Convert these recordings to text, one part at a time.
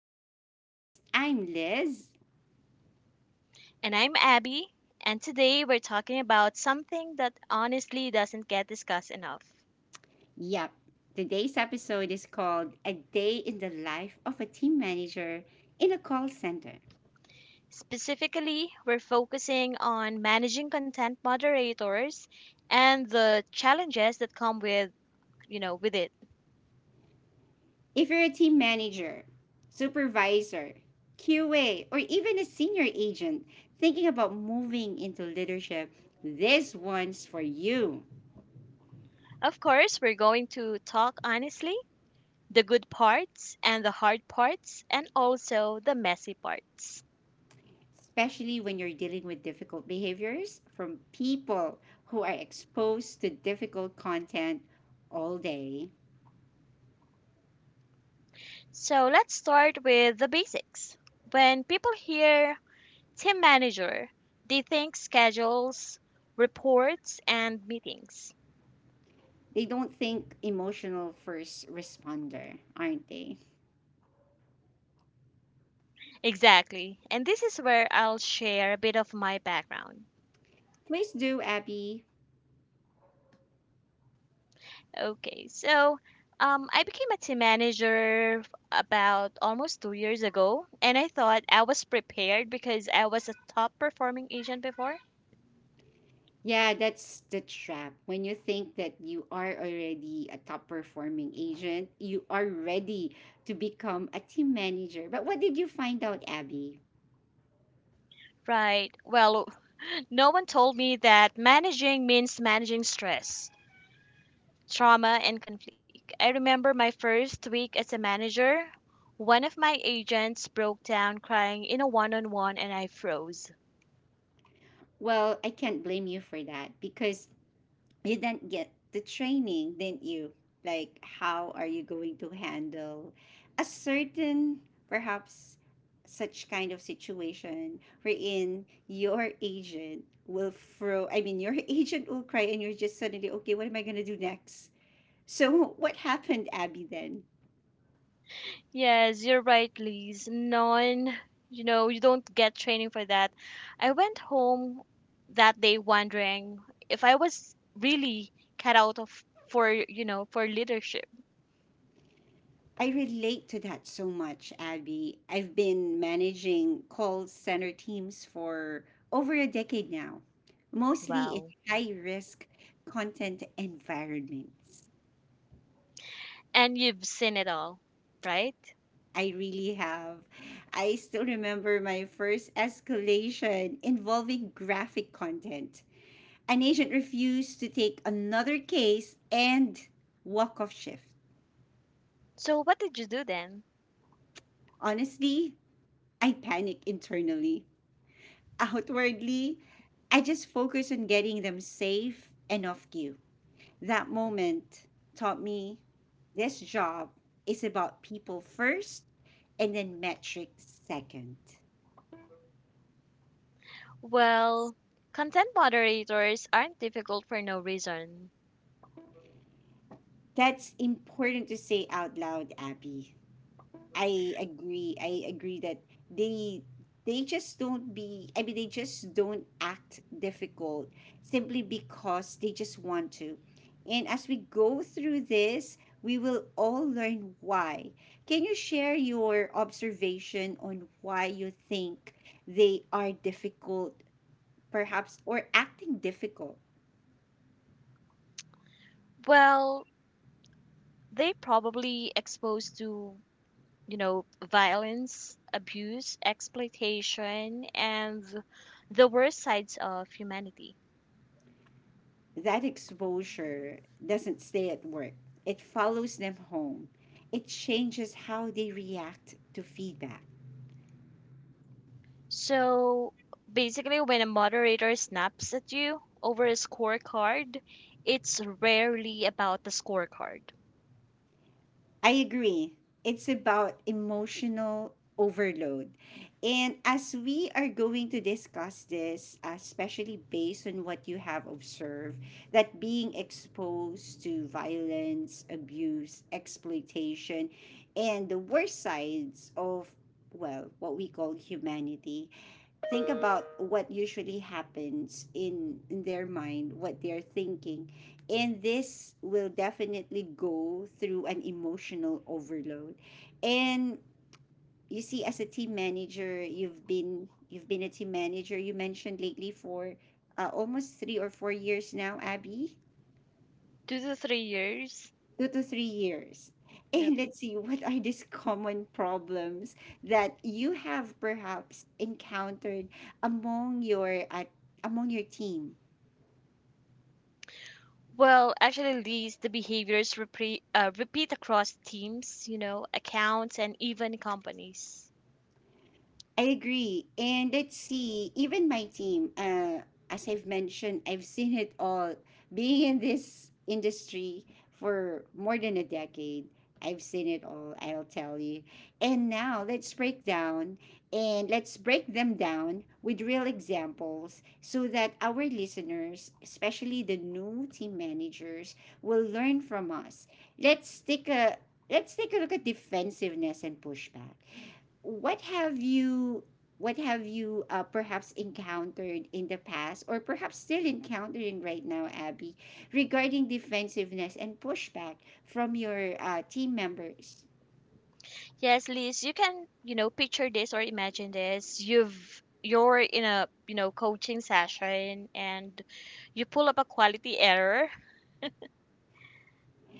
to the podcast. I'm Liz. And I'm Abby, and today we're talking about something that honestly doesn't get discussed enough. Yep, today's episode is called A Day in the Life of a Team Manager in a Call Center. Specifically, we're focusing on managing content moderators and the challenges that come with it. If you're a team manager, supervisor, QA, or even a senior agent thinking about moving into leadership, this one's for you. Of course, we're going to talk honestly, the good parts and the hard parts and also the messy parts. Especially when you're dealing with difficult behaviors from people who are exposed to difficult content all day. So, let's start with the basics. When people hear team manager, they think schedules, reports, and meetings. They don't think emotional first responder, aren't they? Exactly. And this is where I'll share a bit of my background. Please do, Abby. Okay, so I became a team manager about almost 2 years ago, and I thought I was prepared because I was a top performing agent before. Yeah, that's the trap. When you think that you are already a top performing agent, you are ready to become a team manager. But what did you find out, Abby? Right. Well, no one told me that managing means managing stress, trauma and conflict. I remember my first week as a manager. One of my agents broke down crying in a one on one and I froze. Well, I can't blame you for that because you didn't get the training, didn't you? Like, how are you going to handle a certain, perhaps, such kind of situation wherein your agent will throw, I mean, your agent will cry and you're just suddenly, okay, what am I going to do next? So, what happened, Abby, then? Yes, you're right, Liz. None, you don't get training for that. I went home that day wondering if I was really cut out of for, for leadership. I relate to that so much, Abby. I've been managing call center teams for over a decade now, mostly in Wow. high risk content environments. And you've seen it all, right? I really have. I still remember my first escalation involving graphic content. An agent refused to take another case and walk off shift. So what did you do then? Honestly, I panicked internally. Outwardly, I just focus on getting them safe and off cue. That moment taught me this job is about people first and then metrics second. Well, content moderators aren't difficult for no reason. That's important to say out loud, Abby. I agree. I agree that they they just don't be, I mean, they just don't act difficult simply because they just want to. And as we go through this, we will all learn why. Can you share your observation on why you think they are difficult perhaps or acting difficult? Well, they probably exposed to, violence, abuse, exploitation, and the worst sides of humanity. That exposure doesn't stay at work, it follows them home. It changes how they react to feedback. So basically, when a moderator snaps at you over a scorecard, it's rarely about the scorecard. I agree. It's about emotional overload. And as we are going to discuss this, especially based on what you have observed, that being exposed to violence, abuse, exploitation, and the worst sides of, well, what we call humanity, think about what usually happens in their mind, what they're thinking. And this will definitely go through an emotional overload. And you see, as a team manager, you've been a team manager you mentioned lately for almost 3 or 4 years now, Abby. 2 to 3 years. 2 to 3 years. And let's see what are these common problems that you have perhaps encountered among your at among your team. Well, actually, the behaviors repeat across teams, accounts, and even companies. I agree. And let's see, even my team, as I've mentioned, I've seen it all. Being in this industry for more than a decade, I've seen it all, I'll tell you. And now let's break down and let's break them down with real examples so that our listeners, especially the new team managers, will learn from us. Let's take a let's take a look at defensiveness and pushback. what have you what have you perhaps encountered in the past or perhaps still encountering right now, Abby, regarding defensiveness and pushback from your team members? Yes, Liz, you can, picture this or imagine this. You're in a, coaching session and you pull up a quality error.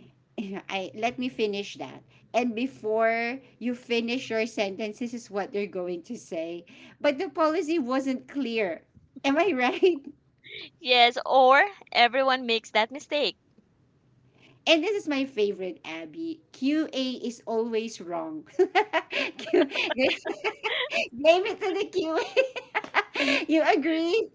I, let me finish that. And before you finish your sentence, this is what they're going to say. But the policy wasn't clear. Am I right? Yes, or everyone makes that mistake. And this is my favorite, Abby. QA is always wrong. Q- Gave it to the QA. You agree?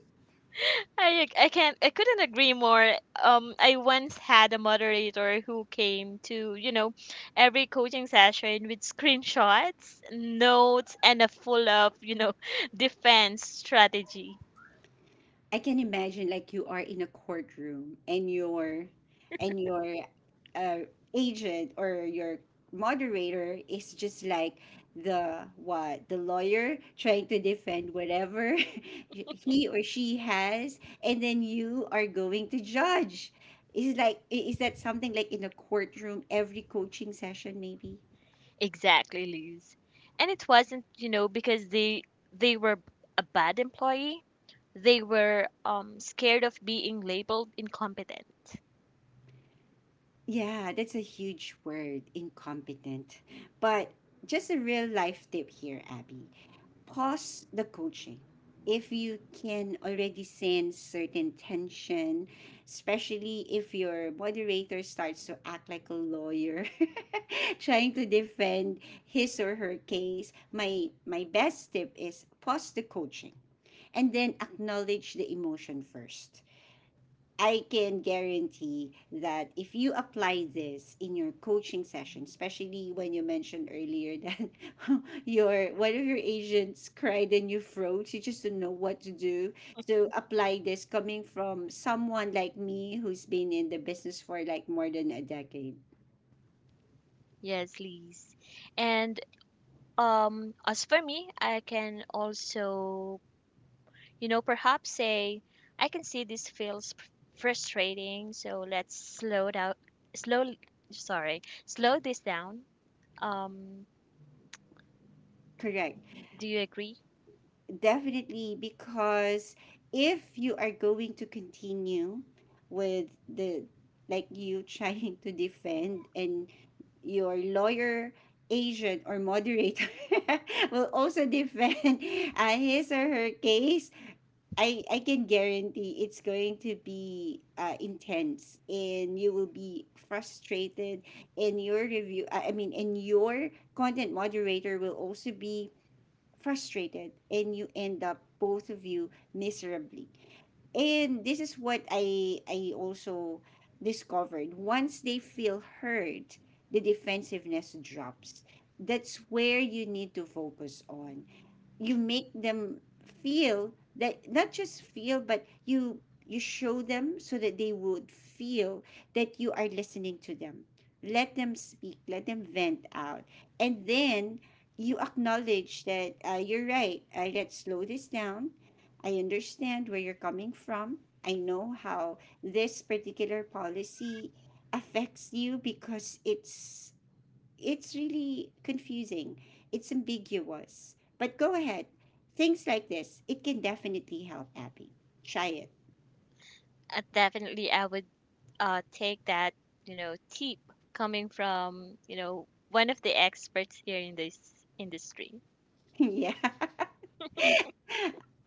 I couldn't agree more. I once had a moderator who came to every coaching session with screenshots, notes, and a full of defense strategy. I can imagine like you are in a courtroom and your uh, agent or your moderator is just like the, what, the lawyer trying to defend whatever he or she has, and then you are going to judge. Is like, is that something like in a courtroom every coaching session, maybe? Exactly, Liz. And it wasn't because they were a bad employee. They were scared of being labeled incompetent. Yeah, that's a huge word, incompetent. But just a real life tip here, Abby. Pause the coaching. If you can already sense certain tension, especially if your moderator starts to act like a lawyer trying to defend his or her case, my best tip is pause the coaching and then acknowledge the emotion first. I can guarantee that if you apply this in your coaching session, especially when you mentioned earlier that your one of your agents cried and you froze, you just don't know what to do. So apply this coming from someone like me who's been in the business for like more than a decade. Yes, Liz. And as for me, I can also perhaps say, I can see this feels frustrating, so let's slow down, slow, sorry, slow this down. Um, Correct. do you agree? Definitely, because if you are going to continue with the, like you trying to defend, and your lawyer agent or moderator will also defend his or her case, I can guarantee it's going to be intense and you will be frustrated, and your review, I mean, and your content moderator will also be frustrated, and you end up both of you miserably. And this is what I also discovered: once they feel hurt, the defensiveness drops. That's where you need to focus on. You make them feel that, not just feel but you show them so that they would feel that you are listening to them. Let them speak, let them vent out, and then you acknowledge that, you're right, let's slow this down. I understand where you're coming from. I know how this particular policy affects you, because it's really confusing. It's ambiguous. But go ahead. Things like this, it can definitely help, Abby. Try it. Definitely, I would take that, tip coming from, one of the experts here in this industry. Yeah.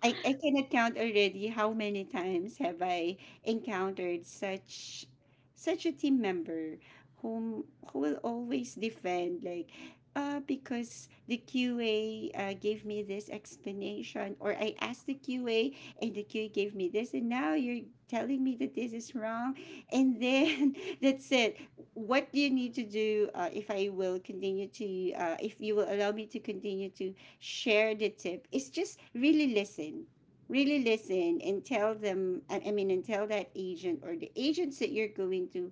I cannot count already how many times have I encountered such a team member whom who will always defend like, uh, because the QA gave me this explanation, or I asked the QA and the QA gave me this, and now you're telling me that this is wrong. And then that's it. What do you need to do? If I will continue to, if you will allow me to continue to share, the tip is just really listen. Really listen and tell them, I mean, and tell that agent or the agents that you're going to,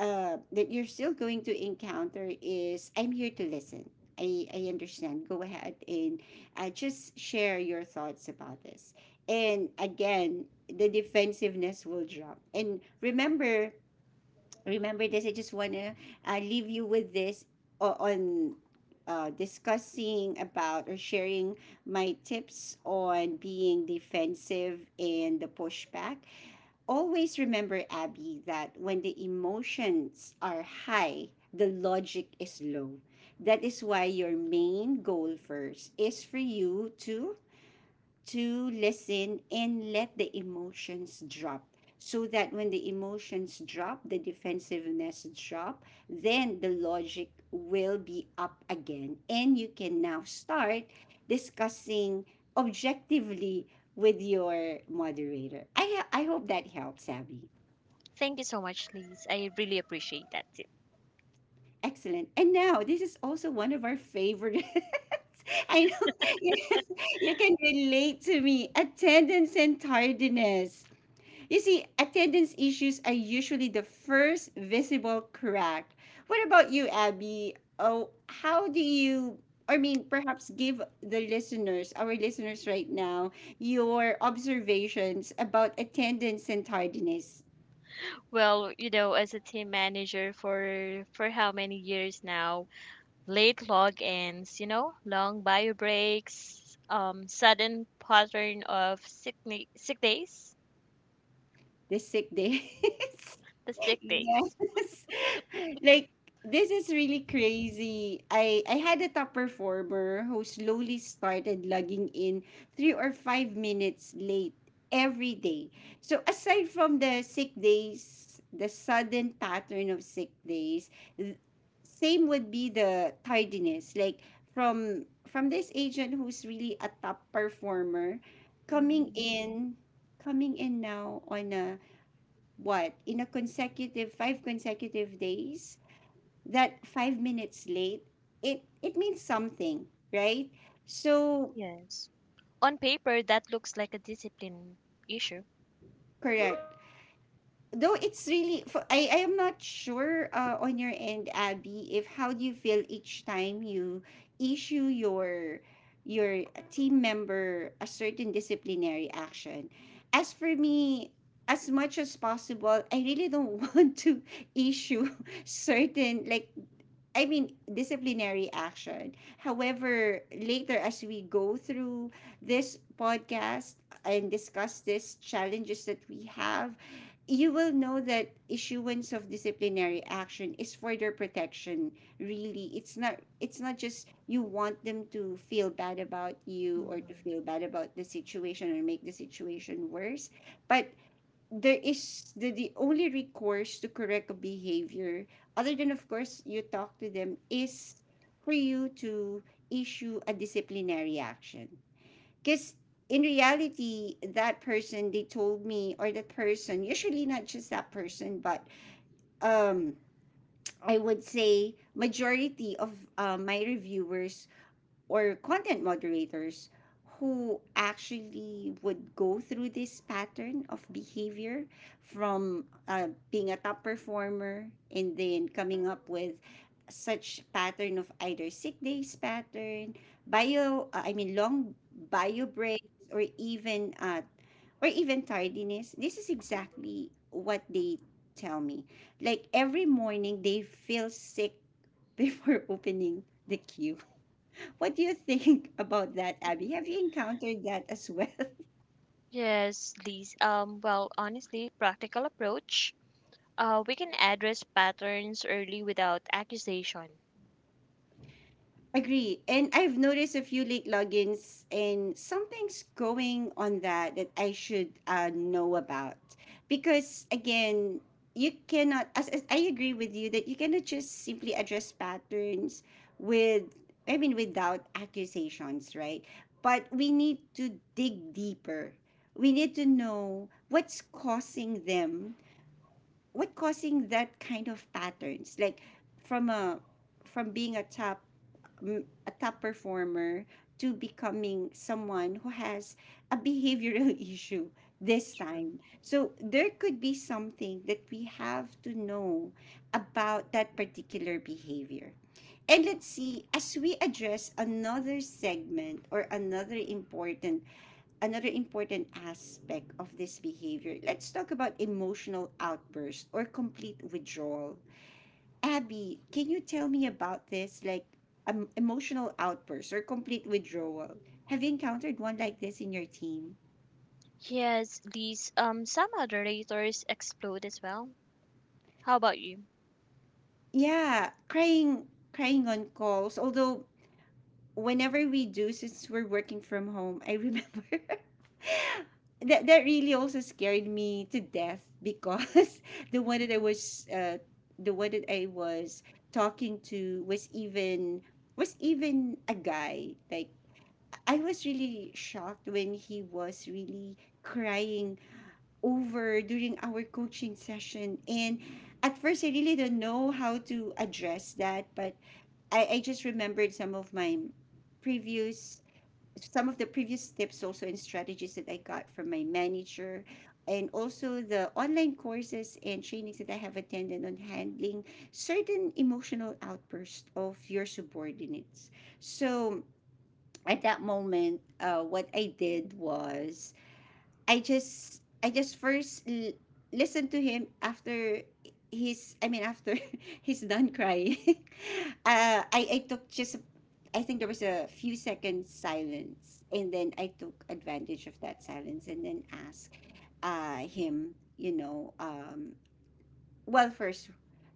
that you're still going to encounter, is, I'm here to listen. I understand, go ahead, and just share your thoughts about this. And again, the defensiveness will drop. And remember, remember this. I just want to leave you with this on, discussing about or sharing my tips on being defensive and the pushback. Always remember, Abby, that when the emotions are high, the logic is low. That is why your main goal first is for you to listen and let the emotions drop, so that when the emotions drop, the defensiveness drop, then the logic will be up again, and you can now start discussing objectively with your moderator. I hope that helps, Abby. Thank you so much, Liz. I really appreciate that tip. Excellent. And now this is also one of our favorite. I know. You can relate to me. Attendance and tardiness. You see, attendance issues are usually the first visible crack. What about you, Abby? Oh, how do you, I mean, perhaps give the listeners, our listeners right now, your observations about attendance and tardiness? Well, as a team manager for how many years now, late logins, long bio breaks, sudden pattern of sick days, The sick days? the sick days. Yes. Like, this is really crazy. I had a top performer who slowly started logging in 3 or 5 minutes late every day. So aside from the sick days, the sudden pattern of sick days, th- same would be the tardiness. Like from this agent who's really a top performer coming Hmm. in, coming in now on a, what, in a consecutive five consecutive days, that 5 minutes late, it means something, right? So, Yes. On paper, that looks like a discipline issue. correct. Though it's really for, I am not sure, on your end, Abby, if, how do you feel each time you issue your team member a certain disciplinary action. As for me, as much as possible, I really don't want to issue certain, like, I mean, disciplinary action. However, later as we go through this podcast and discuss these challenges that we have, you will know that issuance of disciplinary action is for their protection. Really, it's not, it's not just you want them to feel bad about you or to Mhm. feel bad about the situation or make the situation worse. But there is the only recourse to correct a behavior, other than of course you talk to them, is for you to issue a disciplinary action. Because in reality, that person, they told me, or that person, usually not just that person, but um I would say majority of my reviewers or content moderators who actually would go through this pattern of behavior, from being a top performer and then coming up with such pattern of either sick days pattern, bio, I mean, long bio breaks, or even uh, or even tardiness, this is exactly what they tell me. Like, every morning they feel sick before opening the queue. What do you think about that, Abby? Have you encountered that as well? Yes, Liz. Well, honestly, practical approach. We can address patterns early without accusation. Agree. And I've noticed a few late logins and something's going on that I should know about. Because again, you cannot, as I agree with you, that you cannot just simply address patterns with, I mean, without accusations, right? But we need to dig deeper. We need to know what's causing them, what causing that kind of patterns, like from a, from being a top, a top performer to becoming someone who has a behavioral issue this True. time. So there could be something that we have to know about that particular behavior. And let's see, as we address another segment or another important, another important aspect of this behavior. Let's talk about emotional outburst or complete withdrawal. Abby, can you tell me about this? Like emotional outburst or complete withdrawal. Have you encountered one like this in your team? Yes, Liz. Some moderators explode as well. How about you? Yeah, crying, crying on calls. Although whenever we do, since we're working from home, I remember that really also scared me to death, because the one that I was the one that I was talking to was even, was even a guy. Like, I was really shocked when he was really crying over during our coaching session. And at first I really don't know how to address that, but I just remembered some of my previous, some of the previous tips also and strategies that I got from my manager, and also the online courses and trainings that I have attended on handling certain emotional outbursts of your subordinates. So at that moment, what I did was I just first listen to him after he's I mean, after he's done crying. I took just a, I think there was a few seconds silence, and then I took advantage of that silence and then asked him, you know um well, first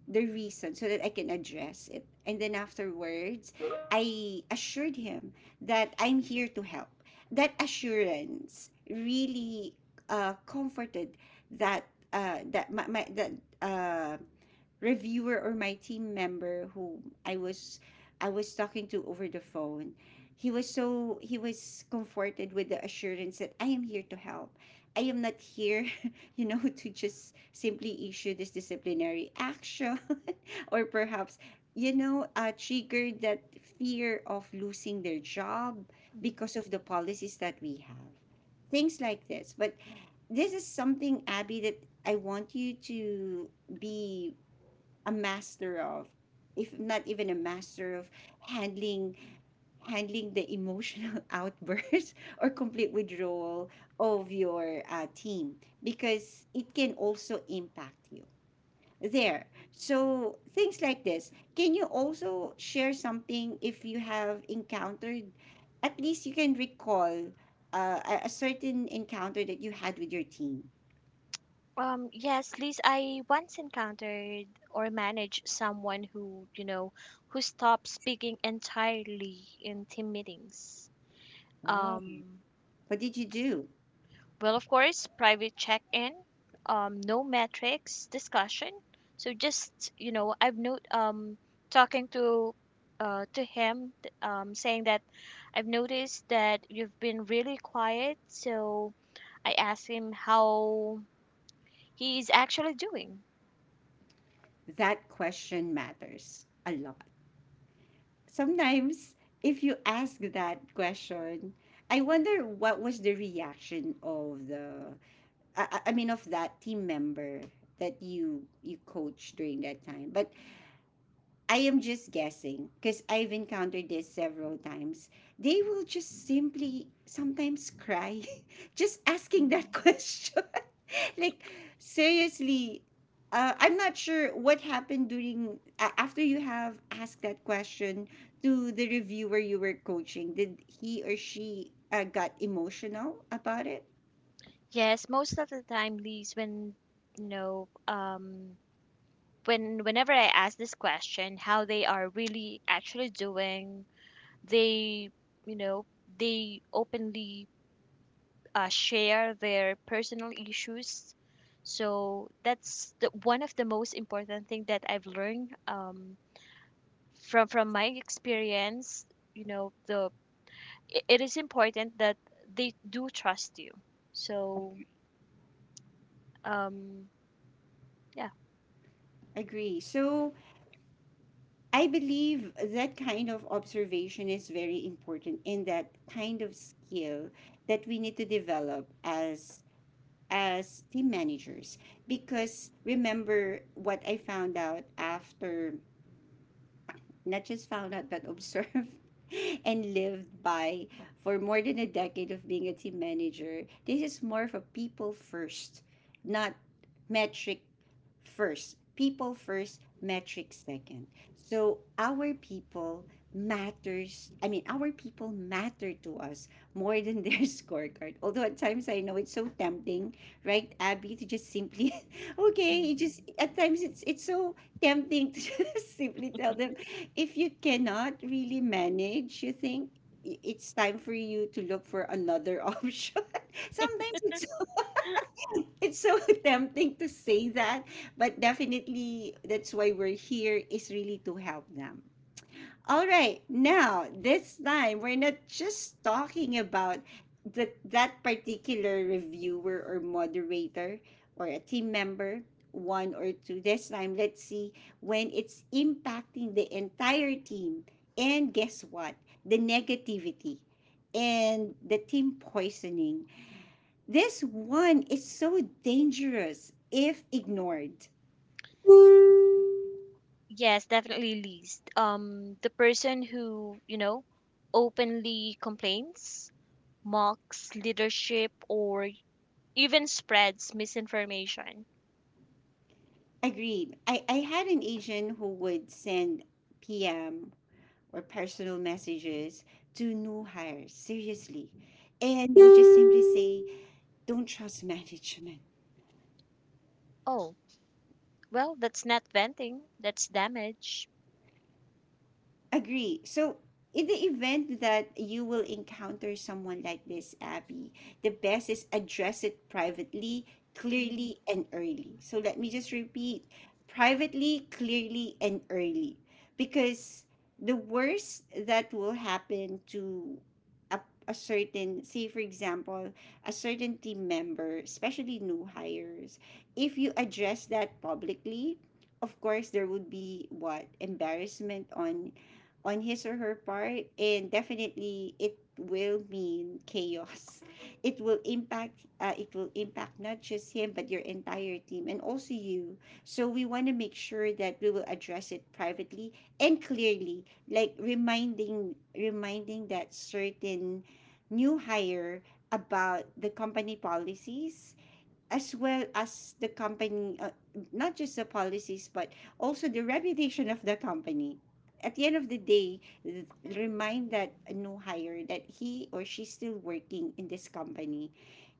the reason, so that I can address it. And then afterwards, I assured him that I'm here to help. That assurance really comforted that, that my that, uh, reviewer or my team member who I was I was talking to over the phone. He was so, he was comforted with the assurance that I am here to help. I am not here, you know, to just simply issue this disciplinary action or perhaps, you know, trigger that fear of losing their job because of the policies that we have. Things like this. But this is something, Abby, that I want you to be a master of, if not even a master of handling, handling the emotional outburst or complete withdrawal of your team, because it can also impact you there. So things like this, can you also share something if you have encountered, at least you can recall, a certain encounter that you had with your team? Yes, Liz, I once encountered or managed someone who stopped speaking entirely in team meetings. Wow. Um, What did you do? well, of course, private check-in, no metrics discussion. So just, I've no talking to him saying that I've noticed that you've been really quiet, so I asked him how he's actually doing. That question matters a lot sometimes. If you ask that question, I wonder what was the reaction of the, I mean of that team member that you coached during that time. But I am just guessing, because I've encountered this several times. They will just simply sometimes cry, just asking that Mm-hmm. question, like, seriously. I'm not sure what happened during after you have asked that question to the reviewer you were coaching. Did he or she got emotional about it? Yes, most of the time, Lise, you know, um, whenever I ask this question, how they are really actually doing, they, you know, they openly share their personal issues. So that's one of the most important thing that I've learned from my experience. You know, the it is important that they do trust you. So um, yeah. Agree. So I believe that kind of observation is very important. In that kind of skill that we need to develop as team managers, because remember what I found out after, not just found out, but observed and lived by for more than a decade of being a team manager. This is more of a people first, not metric first. People first, metric second. So our people matters. I mean, our people matter to us more than their scorecard. Although at times I know it's so tempting, right, Abby, to just simply, okay, it just Mhm. at times it's so tempting to just simply tell them, if you cannot really manage, you think it's time for you to look for another option. Sometimes it's so tempting to say that, but definitely that's why we're here, is really to help them. All right, now this time we're not just talking about that particular reviewer or moderator or a team member, one or two. This time, let's see when it's impacting the entire team. And guess what? The negativity and the team poisoning. This one is so dangerous if ignored. Yes, definitely least. The person who, openly complains, mocks leadership, or even spreads misinformation. Agreed. I had an agent who would send PM, or personal messages, to new hires, seriously. And you just simply say, don't trust management. Oh, well, that's not venting, that's damage. Agree. So, in the event that you will encounter someone like this, Abby, the best is address it privately, Mm. clearly, and early. So, let me just repeat: privately, clearly, and early. Because the worst that will happen to a, a certain, say, for example, a certain team member, especially new hires, if you address that publicly, of course, there would be what? Embarrassment on his or her part. And definitely it will mean chaos. It will impact, it will impact not just him, but your entire team and also you. So we want to make sure that we will address it privately and clearly, like reminding that certain new hire about the company policies, as well as the company, not just the policies, but also the reputation of the company. At the end of the day, remind that new hire that he or she's still working in this company.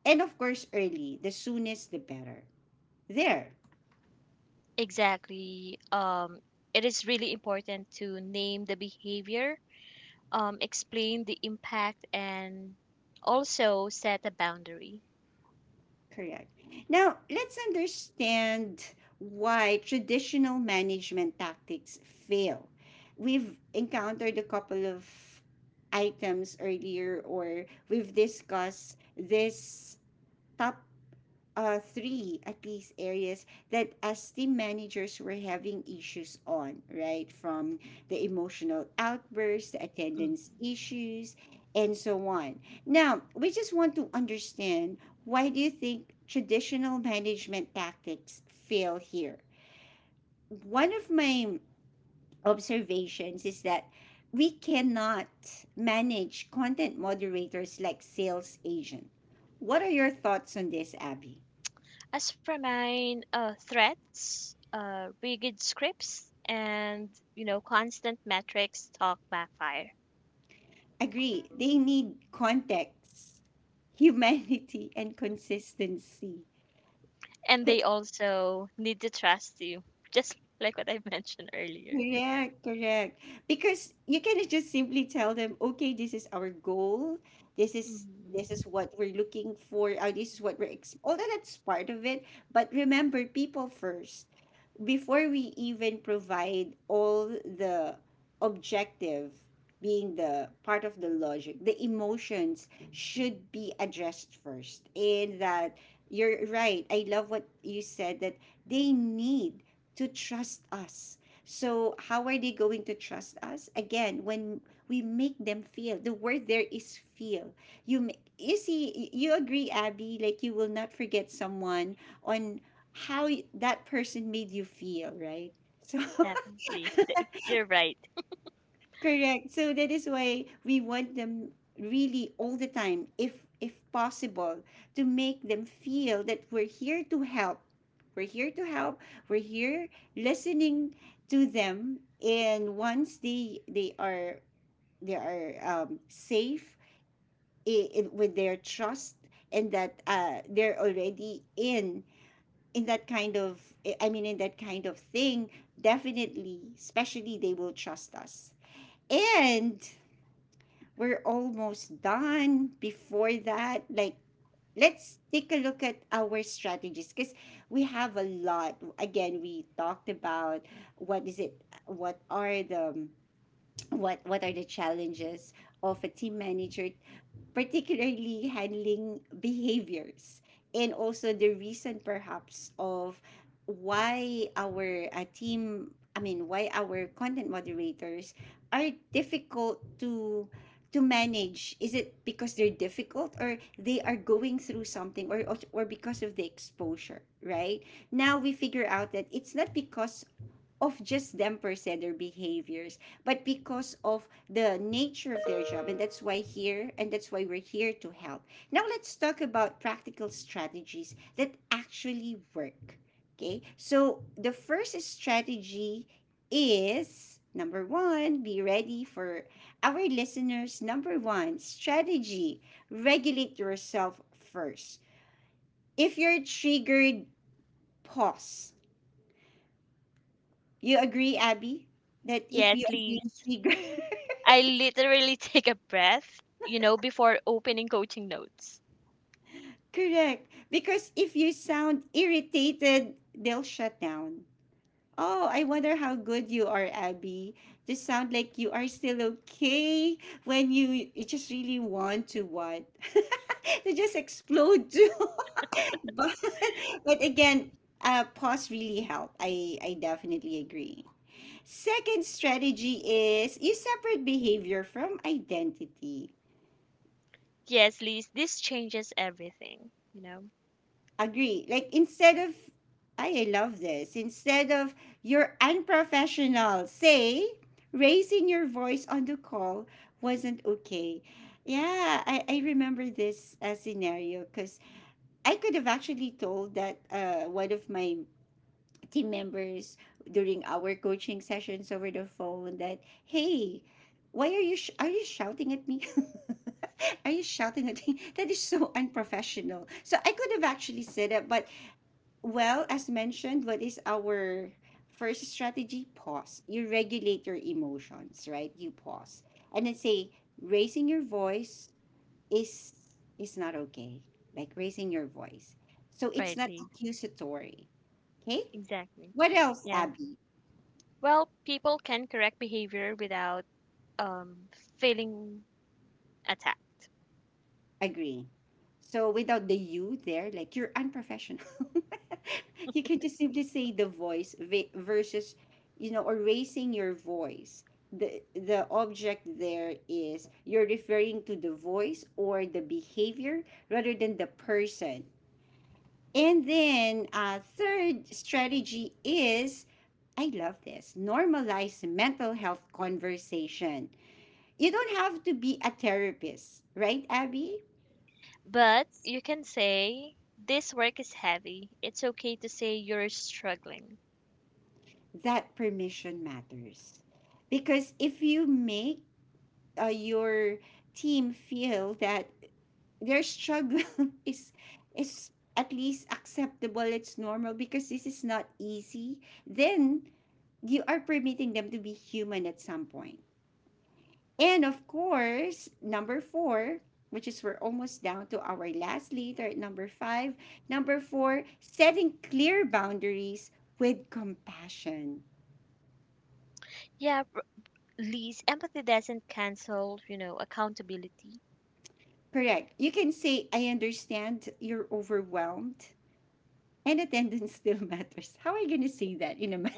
And of course, early. The soonest, the better. There. Exactly. It is really important to name the behavior, explain the impact, and also set a boundary. Correct. Now, let's understand why traditional management tactics fail. We've encountered a couple of items earlier, or we've discussed this top, three at least areas that as team managers were having issues on, right? From the emotional outbursts, the attendance Mm. issues, and so on. Now, we just want to understand, why do you think traditional management tactics fail here? One of my observations is that we cannot manage content moderators like sales agent. What are your thoughts on this, Abby? As for mine, threats, rigid scripts, and constant metrics talk backfire, Agree. They need context, humanity, and consistency. and Co- they also need to trust you, just like what I mentioned earlier. Correct, correct. Because you cannot just simply tell them, okay, this is our goal. This is, Mhm. this is what we're looking for. This is what we're although that's part of it. But remember, people first. Before we even provide all the objective, being the part of the logic, the emotions should be addressed first. And that, you're right, I love what you said, that they need to trust us. So how are they going to trust us again, when we make them feel? The word there is feel. You you see, you agree, Abby, like, you will not forget someone on how that person made you feel, right? So, Definitely, you're right. correct. So that is why we want them really all the time, if possible, to make them feel that we're here to help. We're here to help. We're here listening to them. And once they are safe in, with their trust, and that they're already in that kind of I mean, in that kind of thing, definitely, especially, they will trust us. And we're almost done. Before that, like, let's take a look at our strategies, because we have a lot. Again, we talked about, what is it, what are the, what are the challenges of a team manager, particularly handling behaviors, and also the reason perhaps of why our team, I mean, why our content moderators are difficult to manage. Is it because they're difficult, or they are going through something, or because of the exposure? Right, now we figure out that it's not because of just them per se, their behaviors, but because of the nature of their job. And that's why here, and that's why we're here to help. Now let's talk about practical strategies that actually work. Okay, so the first strategy is, number one, be ready for our listeners, number one strategy: regulate yourself first. If you're triggered, pause. You agree, Abby, that if you Yes, are being Lise. triggered, I literally take a breath, before opening coaching notes. correct. Because if you sound irritated, they'll shut down. Oh, I wonder how good you are, Abby. Just sound like you are still okay, when you just really want to what? To just explode too. but, but again, pause really help. I definitely agree. Second strategy is, you separate behavior from identity. Yes, Lise, this changes everything. Agree. Like, instead of, I love this. Instead of you're unprofessional, say, raising your voice on the call wasn't okay. Yeah, I remember this scenario because I could have actually told that one of my team members during our coaching sessions over the phone that, hey, why are you are you shouting at me? Are you shouting at me? That is so unprofessional. So I could have actually said it, but well, as mentioned, what is our first strategy? Pause. You regulate your emotions, right? You pause. And then say, raising your voice is not okay. Like raising your voice. So it's Right, not Lise. accusatory. Okay? Exactly. What else, Yeah. Abby? Well, people can correct behavior without um, feeling attacked. Agree. So without the you there, like you're unprofessional. You can just simply say the voice versus, or raising your voice. The object there is you're referring to the voice or the behavior rather than the person. And then third strategy is I love this, normalize mental health conversation. You don't have to be a therapist, right, Abby? But you can say, this work is heavy. It's okay to say you're struggling. That permission matters because if you make your team feel that their struggle is at least acceptable, it's normal because this is not easy, then you are permitting them to be human at some point. And of course, number 4, which is we're almost down to our last leader at number 5. Number 4, setting clear boundaries with compassion. Yeah, Lise, empathy doesn't cancel, accountability. Correct. You can say, I understand you're overwhelmed and attendance still matters. How are you gonna say that in a man?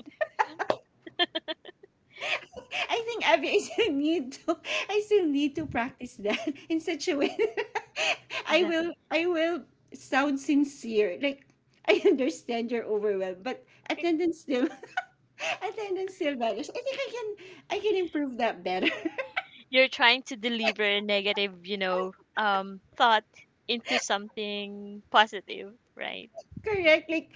I think, Abby, I still need to practice that in such a way that I The- will I will sound sincere. Like, I understand you're overwhelmed, but attendance still attendance still matters. I think I can improve that better. You're trying to deliver a negative, thought into something positive, right? Correct. Like,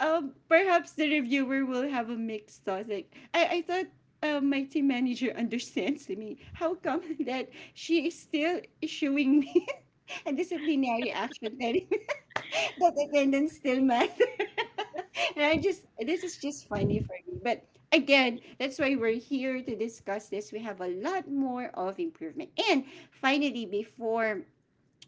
perhaps the reviewer will have a mixed thought. Like, I thought my team manager understands me. How come that she is still issuing me a disciplinary action telling me that attendance still matters? And I just, this is just funny for me. But again, that's why we're here to discuss this. We have a lot more of improvement. And finally, before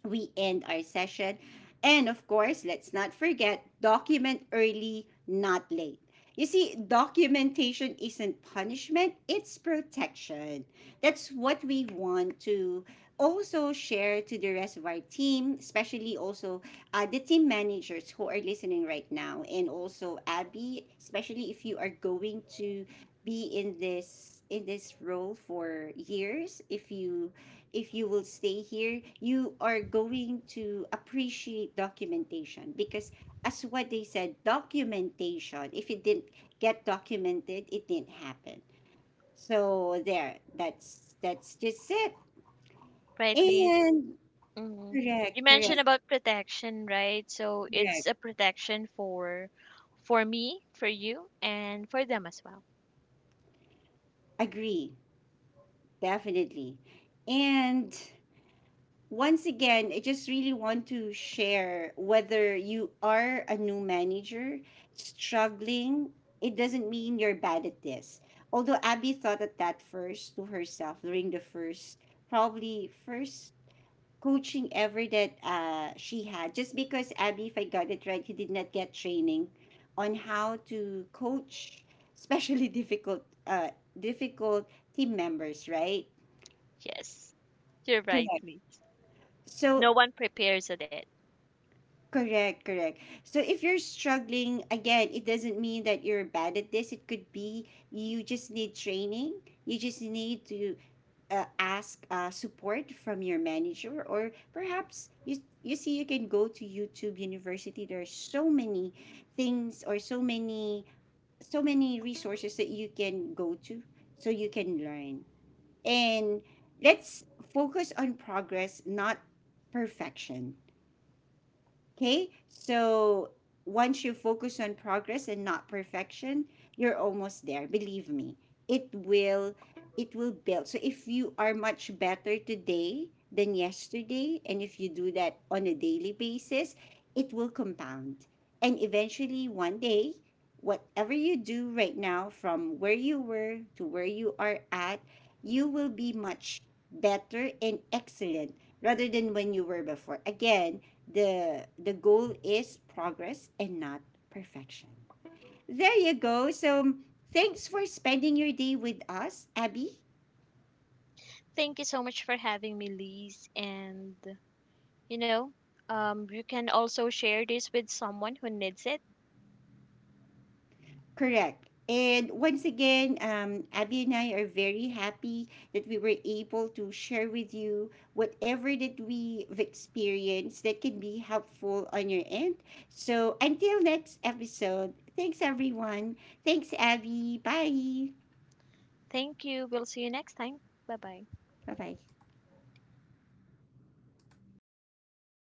we end our session. And of course, let's not forget, document early, not late. You see, documentation isn't punishment, it's protection. That's what we want to also share to the rest of our team, especially also the team managers who are listening right now, and also Abby, especially if you are going to be in this role for years. If you, if you will stay here, you are going to appreciate documentation because as what they said, documentation, if it didn't get documented, it didn't happen. So there, that's just it. Right, Lise? And Hmm. You correct, correct, mentioned about protection, right? So it's correct. a protection for me, for you, and for them as well. Agree, definitely. And once again, I just really want to share, whether you are a new manager struggling, it doesn't mean you're bad at this. Although Abby thought at that first to herself during the first, probably first coaching ever that she had. Just because Abby, if I got it right, he did not get training on how to coach, especially difficult, difficult team members, right? Yes, you're right, Correct. Liz. So No one prepares for that. correct, correct. So if you're struggling, again, it doesn't mean that you're bad at this. It could be you just need training. You just need to ask support from your manager, or perhaps you see you can go to YouTube University. There are so many things, or so many, so many resources that you can go to, so you can learn. And let's focus on progress, not perfection. Okay, so once you focus on progress and not perfection, you're almost there. Believe me, it will it will build. So if you are much better today than yesterday, and if you do that on a daily basis, it will compound. And eventually, one day, whatever you do right now, from where you were to where you are at, you will be much better and excellent rather than when you were before. Again, the goal is progress and not perfection. There you go. So thanks for spending your day with us, Abby. Thank you so much for having me, Liz. And, you know, you can also share this with someone who needs it. Correct. And once again, Abby and I are very happy that we were able to share with you whatever that we've experienced that can be helpful on your end. So until next episode, thanks everyone. Thanks, Abby. Bye, Thank you. We'll see you next time. Bye bye. bye, bye.